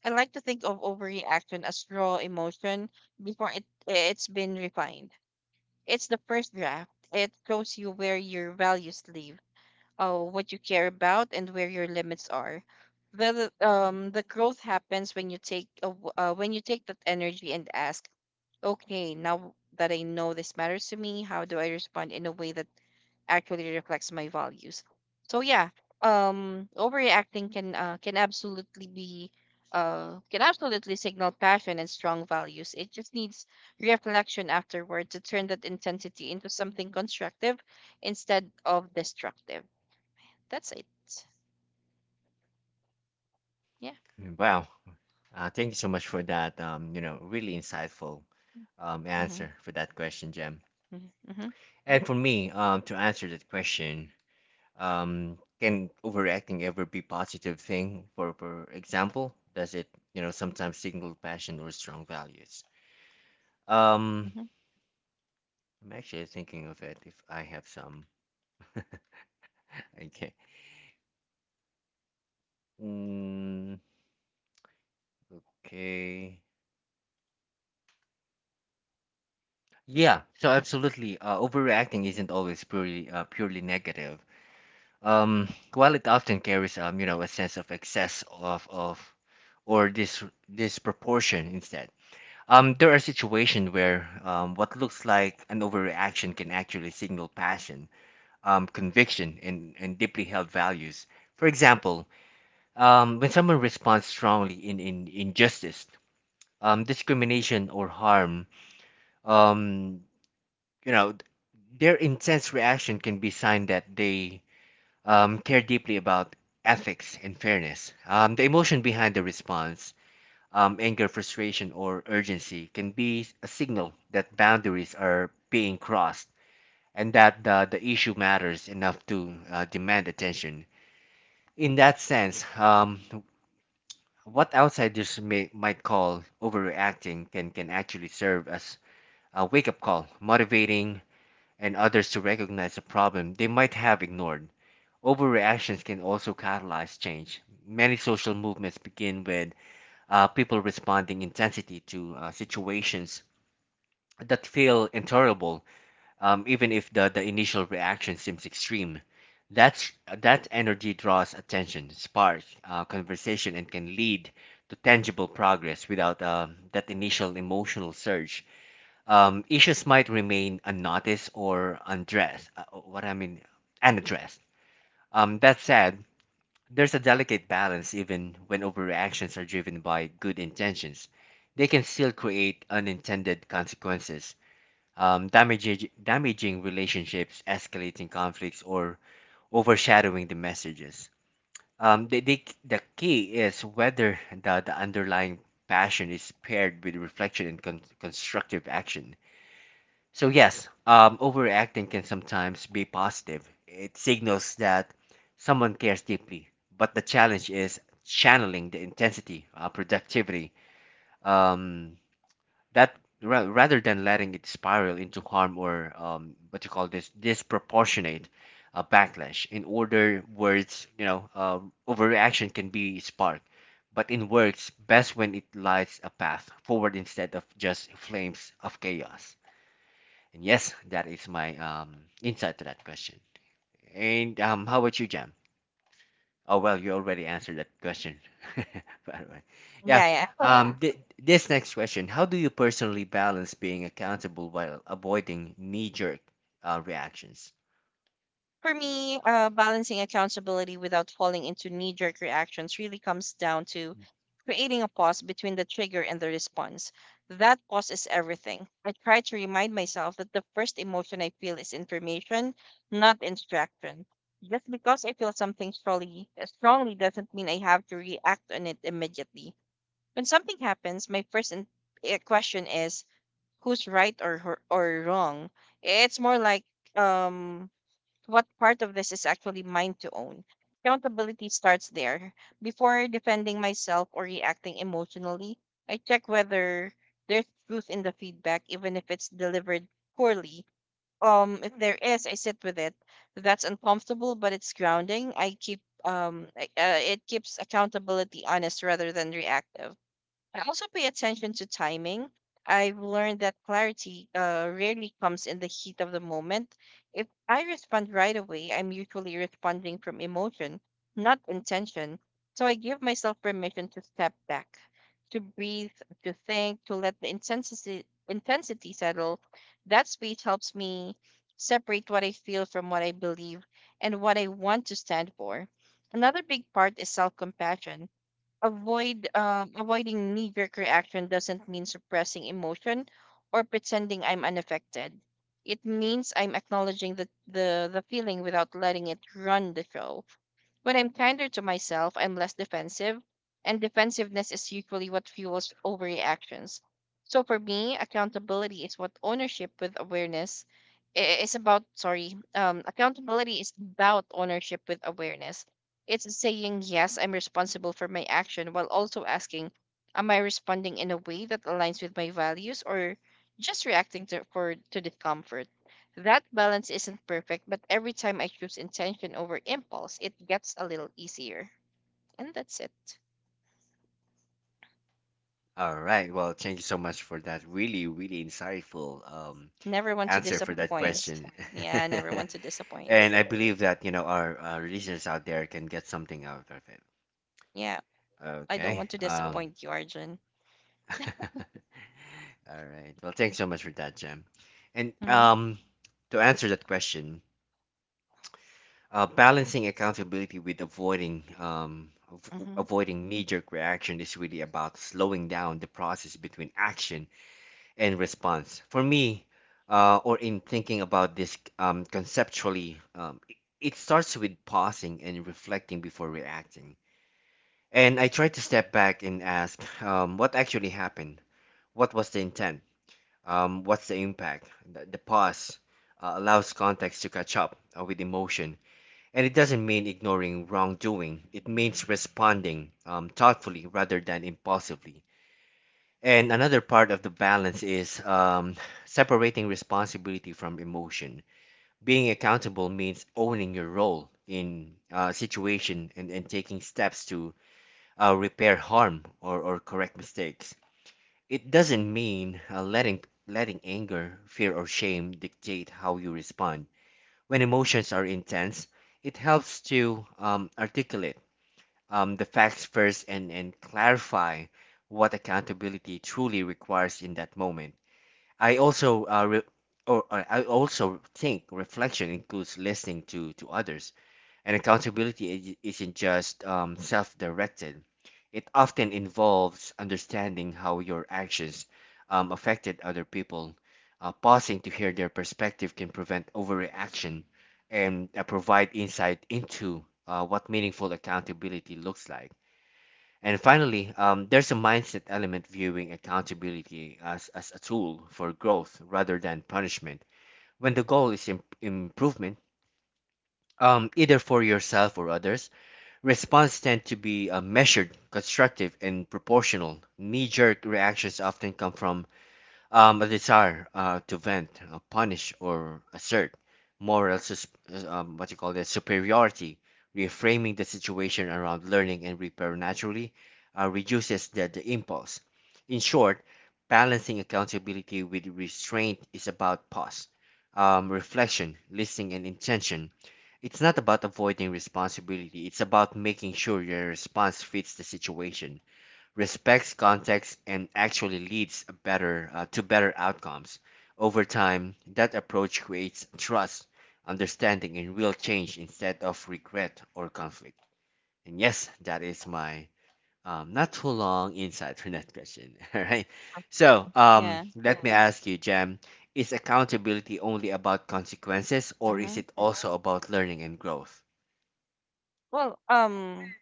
B: I like to think of overreaction as raw emotion before it's been refined. It's the first draft. It shows you where your values live, what you care about, and where your limits are. The growth happens when you take a w- when you take that energy and ask, okay, now that I know this matters to me, how do I respond in a way that actually reflects my values. So yeah, overreacting can absolutely be can absolutely signal passion and strong values. It just needs reflection afterward to turn that intensity into something constructive instead of destructive. That's it. Yeah.
A: Wow. Thank you so much for that. You know, really insightful
B: Mm-hmm.
A: answer for that question, Jem.
B: Mm-hmm.
A: And for me, to answer that question, can overreacting ever be positive thing? For example, does it sometimes signal passion or strong values? Um,
B: Mm-hmm.
A: I'm actually thinking of it if I have some. Okay. Mm, okay. Yeah, so absolutely. Overreacting isn't always purely negative. Um, while it often carries you know, a sense of excess of or dis disproportion instead. There are situations where what looks like an overreaction can actually signal passion, conviction, and deeply held values. For example, when someone responds strongly in injustice, discrimination, or harm, um, you know, their intense reaction can be sign that they care deeply about ethics and fairness. The emotion behind the response, anger, frustration, or urgency, can be a signal that boundaries are being crossed and that the issue matters enough to demand attention. In that sense, what outsiders might call overreacting can actually serve as a wake up call, motivating and others to recognize a problem they might have ignored. Overreactions can also catalyze change. Many social movements begin with people responding intensity to situations that feel intolerable, even if the initial reaction seems extreme. That's, that energy draws attention, sparks conversation, and can lead to tangible progress without that initial emotional surge. Issues might remain unnoticed or undressed. What I mean, unaddressed. That said, there's a delicate balance even when overreactions are driven by good intentions. They can still create unintended consequences, damaging relationships, escalating conflicts, or overshadowing the messages. The key is whether the underlying passion is paired with reflection and constructive action. So yes, overreacting can sometimes be positive. It signals that someone cares deeply, but the challenge is channeling the intensity, productivity, um, rather than letting it spiral into harm or what you call this disproportionate backlash. In order words, overreaction can be spark, but in words, best when it lights a path forward instead of just flames of chaos. And yes, that is my insight to that question. And how about you, Jam? Oh, well, you already answered that question, by the way. Yeah. Yeah.
B: Yeah.
A: This next question. How do you personally balance being accountable while avoiding knee jerk reactions?
B: For me, balancing accountability without falling into knee jerk reactions really comes down to creating a pause between the trigger and the response. That pause is everything. I try to remind myself that the first emotion I feel is information, not instruction. Just because I feel something strongly, strongly doesn't mean I have to react on it immediately. When something happens, my first question is, who's right or, or wrong. It's more like um what part of this is actually mine to own. Accountability starts there. Before defending myself or reacting emotionally, I check whether there's truth in the feedback, even if it's delivered poorly. If there is, I sit with it. That's uncomfortable, but it's grounding. It keeps accountability honest rather than reactive. I also pay attention to timing. I've learned that clarity rarely comes in the heat of the moment. If I respond right away, I'm usually responding from emotion, not intention. So I give myself permission to step back, to breathe, to think, to let the intensity settle. That speech helps me separate what I feel from what I believe and what I want to stand for. Another big part is self compassion. Avoiding knee-jerk reaction doesn't mean suppressing emotion or pretending I'm unaffected. It means I'm acknowledging the feeling without letting it run the show. When I'm kinder to myself, I'm less defensive, and defensiveness is usually what fuels overreactions. So for me, accountability is what ownership with awareness I- is about. Sorry, accountability is about ownership with awareness. It's saying yes, I'm responsible for my action, while also asking, am I responding in a way that aligns with my values or just reacting to discomfort? That balance isn't perfect, but every time I choose intention over impulse, it gets a little easier. And that's it.
A: All right. Well, thank you so much for that really, really insightful
B: Never want to
A: answer for that
B: disappoint.
A: question.
B: Yeah, never want to disappoint.
A: And I believe that, you know, our listeners out there can get something out of
B: Yeah,
A: it.
B: I don't
A: Okay.
B: want to disappoint you, Arjun.
A: All right. Well, thanks so much for that, Jem. And
B: Mm-hmm.
A: to answer that question, balancing accountability with avoiding
B: Mm-hmm.
A: avoiding knee-jerk reaction is really about slowing down the process between action and response. For me, or in thinking about this conceptually, it starts with pausing and reflecting before reacting. And I try to step back and ask, what actually happened? What was the intent? What's the impact? The pause allows context to catch up with emotion, and it doesn't mean ignoring wrongdoing. It means responding thoughtfully rather than impulsively. And another part of the balance is separating responsibility from emotion. Being accountable means owning your role in a situation and taking steps to repair harm or correct mistakes. It doesn't mean letting anger, fear, or shame dictate how you respond. When emotions are intense, it helps to articulate the facts first and clarify what accountability truly requires in that moment. I also re- or I also think reflection includes listening to others. And accountability isn't just self directed, it often involves understanding how your actions affected other people. Pausing to hear their perspective can prevent overreaction and provide insight into what meaningful accountability looks like. And finally, there's a mindset element viewing accountability as a tool for growth rather than punishment. When the goal is improvement, either for yourself or others, response tend to be measured, constructive, and proportional. Knee jerk reactions often come from a desire to vent, punish, or assert moral, what you call that, superiority. Reframing the situation around learning and repair naturally reduces the impulse. In short, balancing accountability with restraint is about pause, reflection, listening, and intention. It's not about avoiding responsibility, it's about making sure your response fits the situation, respects context, and actually leads a better to better outcomes. Over time, that approach creates trust, understanding, and real change instead of regret or conflict. And yes, that is my not too long insight for that question. All right. So
B: Yeah.
A: let me ask you, Jam, is accountability only about consequences, or is
B: Mm-hmm.
A: it also about learning and growth?
B: Well,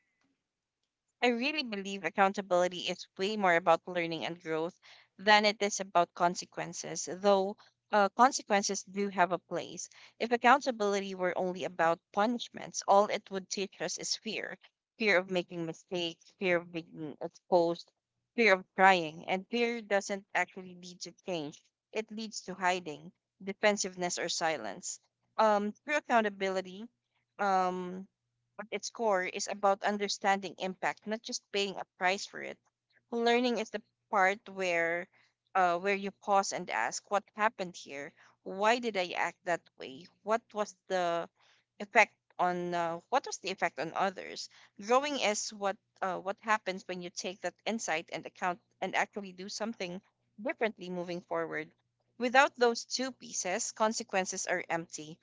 B: I really believe accountability is way more about learning and growth than it is about consequences, though consequences do have a place. If accountability were only about punishments, all it would teach us is fear: fear of making mistakes, fear of being exposed, fear of trying. And fear doesn't actually lead to change, it leads to hiding, defensiveness, or silence. Um, through accountability, um, at its core, is about understanding impact, not just paying a price for it. Learning is the part where you pause and ask, what happened here? Why did I act that way? What was the effect on what was the effect on others? Growing is what happens when you take that insight and account and actually do something differently moving forward. Without those two pieces, consequences are empty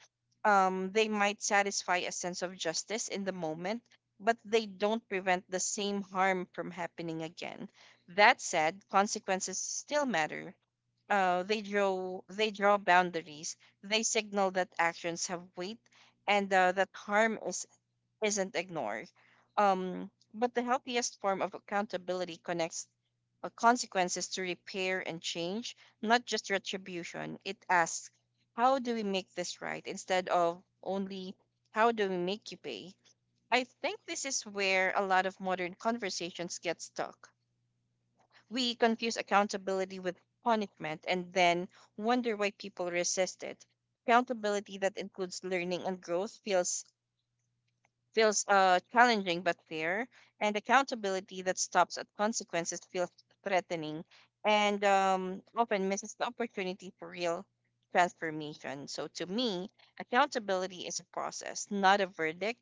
B: um, They might satisfy a sense of justice in the moment, but they don't prevent the same harm from happening again. That said, consequences still matter. They draw boundaries. They signal that actions have weight, and that harm is isn't ignored. But the healthiest form of accountability connects consequences to repair and change, not just retribution. It asks, how do we make this right, instead of only how do we make you pay? I think this is where a lot of modern conversations get stuck. We confuse accountability with punishment and then wonder why people resist it. Accountability that includes learning and growth feels challenging but fair, and accountability that stops at consequences feels threatening, and often misses the opportunity for real transformation. So, to me, accountability is a process, not a verdict.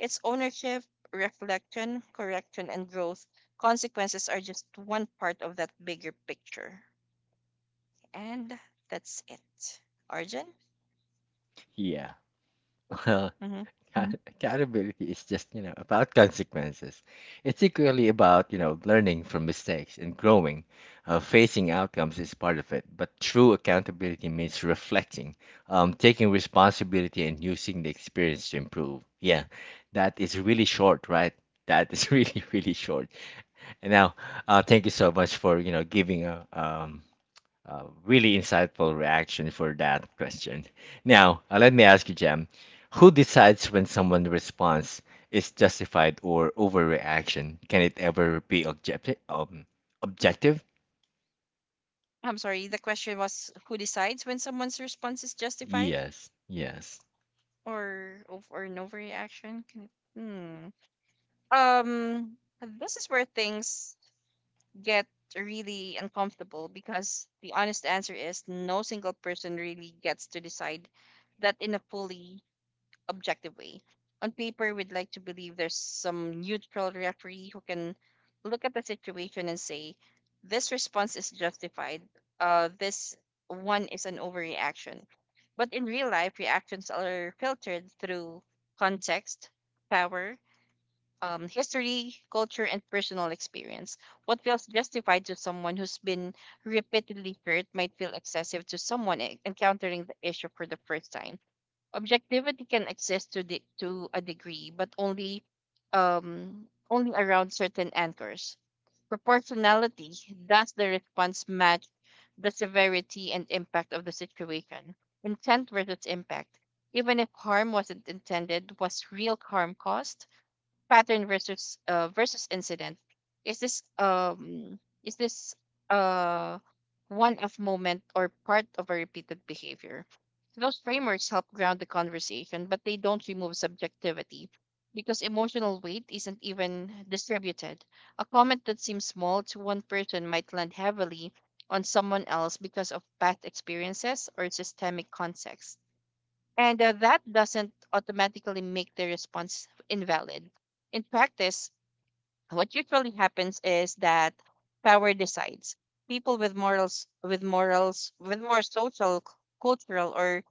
B: It's ownership, reflection, correction, and growth. Consequences are just one part of that bigger picture. And that's it. Arjun?
A: Yeah. Well,
B: Hmm.
A: accountability is just, you know, about consequences. It's equally about, you know, learning from mistakes and growing. Facing outcomes is part of it, but true accountability means reflecting, taking responsibility, and using the experience to improve. Yeah, that is really short, right? That is really, really short. And now, thank you so much for, you know, giving a uh, really insightful reaction for that question. Now, let me ask you, Jam, who decides when someone's response is justified or overreaction? Can it ever be objective? Objective?
B: I'm sorry, the question was, who decides when someone's response is justified,
A: Yes, yes.
B: or an overreaction? Can it, hmm. Um, this is where things get really uncomfortable, because the honest answer is no single person really gets to decide that in a fully objectively. On paper, we'd like to believe there's some neutral referee who can look at the situation and say, this response is justified, this one is an overreaction. But in real life, reactions are filtered through context, power, history, culture, and personal experience. What feels justified to someone who's been repeatedly hurt might feel excessive to someone encountering the issue for the first time. Objectivity can exist to to a degree, but only only around certain anchors. Proportionality, does the response match the severity and impact of the situation. Intent versus impact. Even if harm wasn't intended, was real harm caused? Pattern versus versus incident, is this uh one off moment or part of a repeated behavior? Those frameworks help ground the conversation, but they don't remove subjectivity, because emotional weight isn't even distributed. A comment that seems small to one person might land heavily on someone else because of past experiences or systemic context, and that doesn't automatically make the response invalid. In practice, what usually happens is that power decides. People with morals, with more social, cultural, or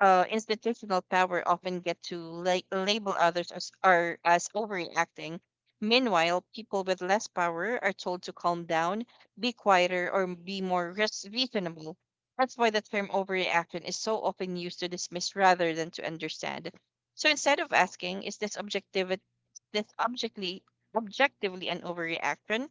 B: institutional power often get to label others as overreacting. Meanwhile, people with less power are told to calm down, be quieter, or be more reasonable. That's why the term overreaction is so often used to dismiss rather than to understand. So instead of asking, is this objectivity this objectively objectively an overreaction?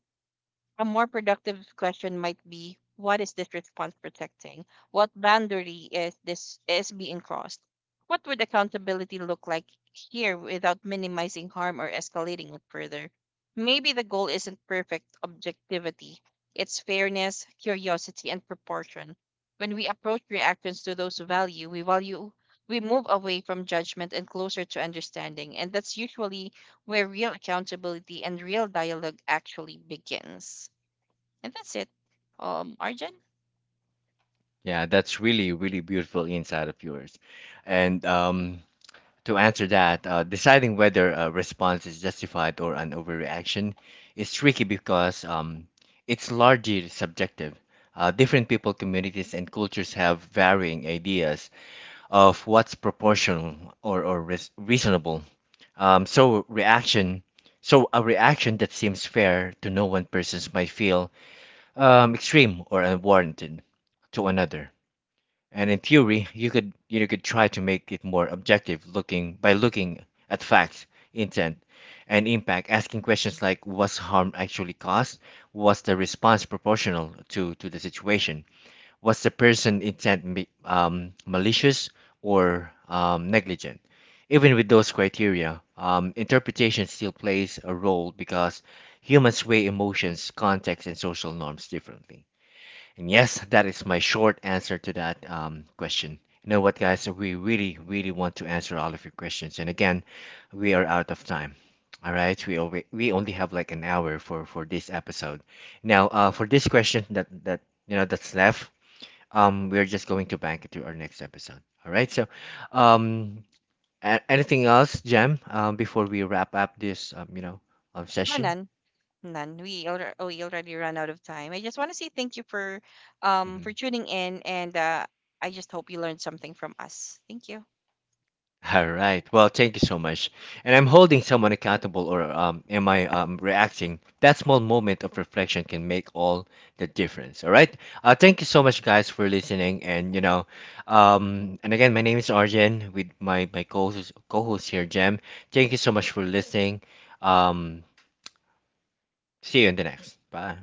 B: A more productive question might be, what is this response protecting? What boundary is being crossed? What would accountability look like here without minimizing harm or escalating it further? Maybe the goal isn't perfect objectivity. It's fairness, curiosity, and proportion. When we approach reactions to we value, we move away from judgment and closer to understanding, and that's usually where real accountability and real dialogue actually begins. And that's it. Arjun?
A: Yeah, that's really, really beautiful insight of yours. And to answer that, deciding whether a response is justified or an overreaction is tricky because it's largely subjective. Different people, communities, and cultures have varying ideas of what's proportional or reasonable. Um, so reaction, so a reaction that seems fair to no one person might feel extreme or unwarranted to another. And in theory, you could try to make it more objective looking by looking at facts, intent, and impact, asking questions like was harm actually caused? Was the response proportional to the situation? Was the person intent malicious or negligent? Even with those criteria, interpretation still plays a role because humans weigh emotions, context, and social norms differently. And yes, that is my short answer to that question. You know what, guys? We really, really want to answer all of your questions. And again, we are out of time. All right, we only have like an hour for this episode. Now, for this question that that's left, we're just going to bank it to our next episode. All right. So, um, anything else, Jam? Before we wrap up this
B: Oh,
A: session.
B: none. We we already run out of time. I just want to say thank you for
A: Mm-hmm.
B: tuning in, and I just hope you learned something from us. Thank you.
A: All right. Well, thank you so much. And I'm holding someone accountable, or am I reacting? That small moment of reflection can make all the difference. All right. Thank you so much, guys, for listening. And you know, and again, my name is Arjen with my co-host, here, Jem. Thank you so much for listening. Um, see you in the next. Bye.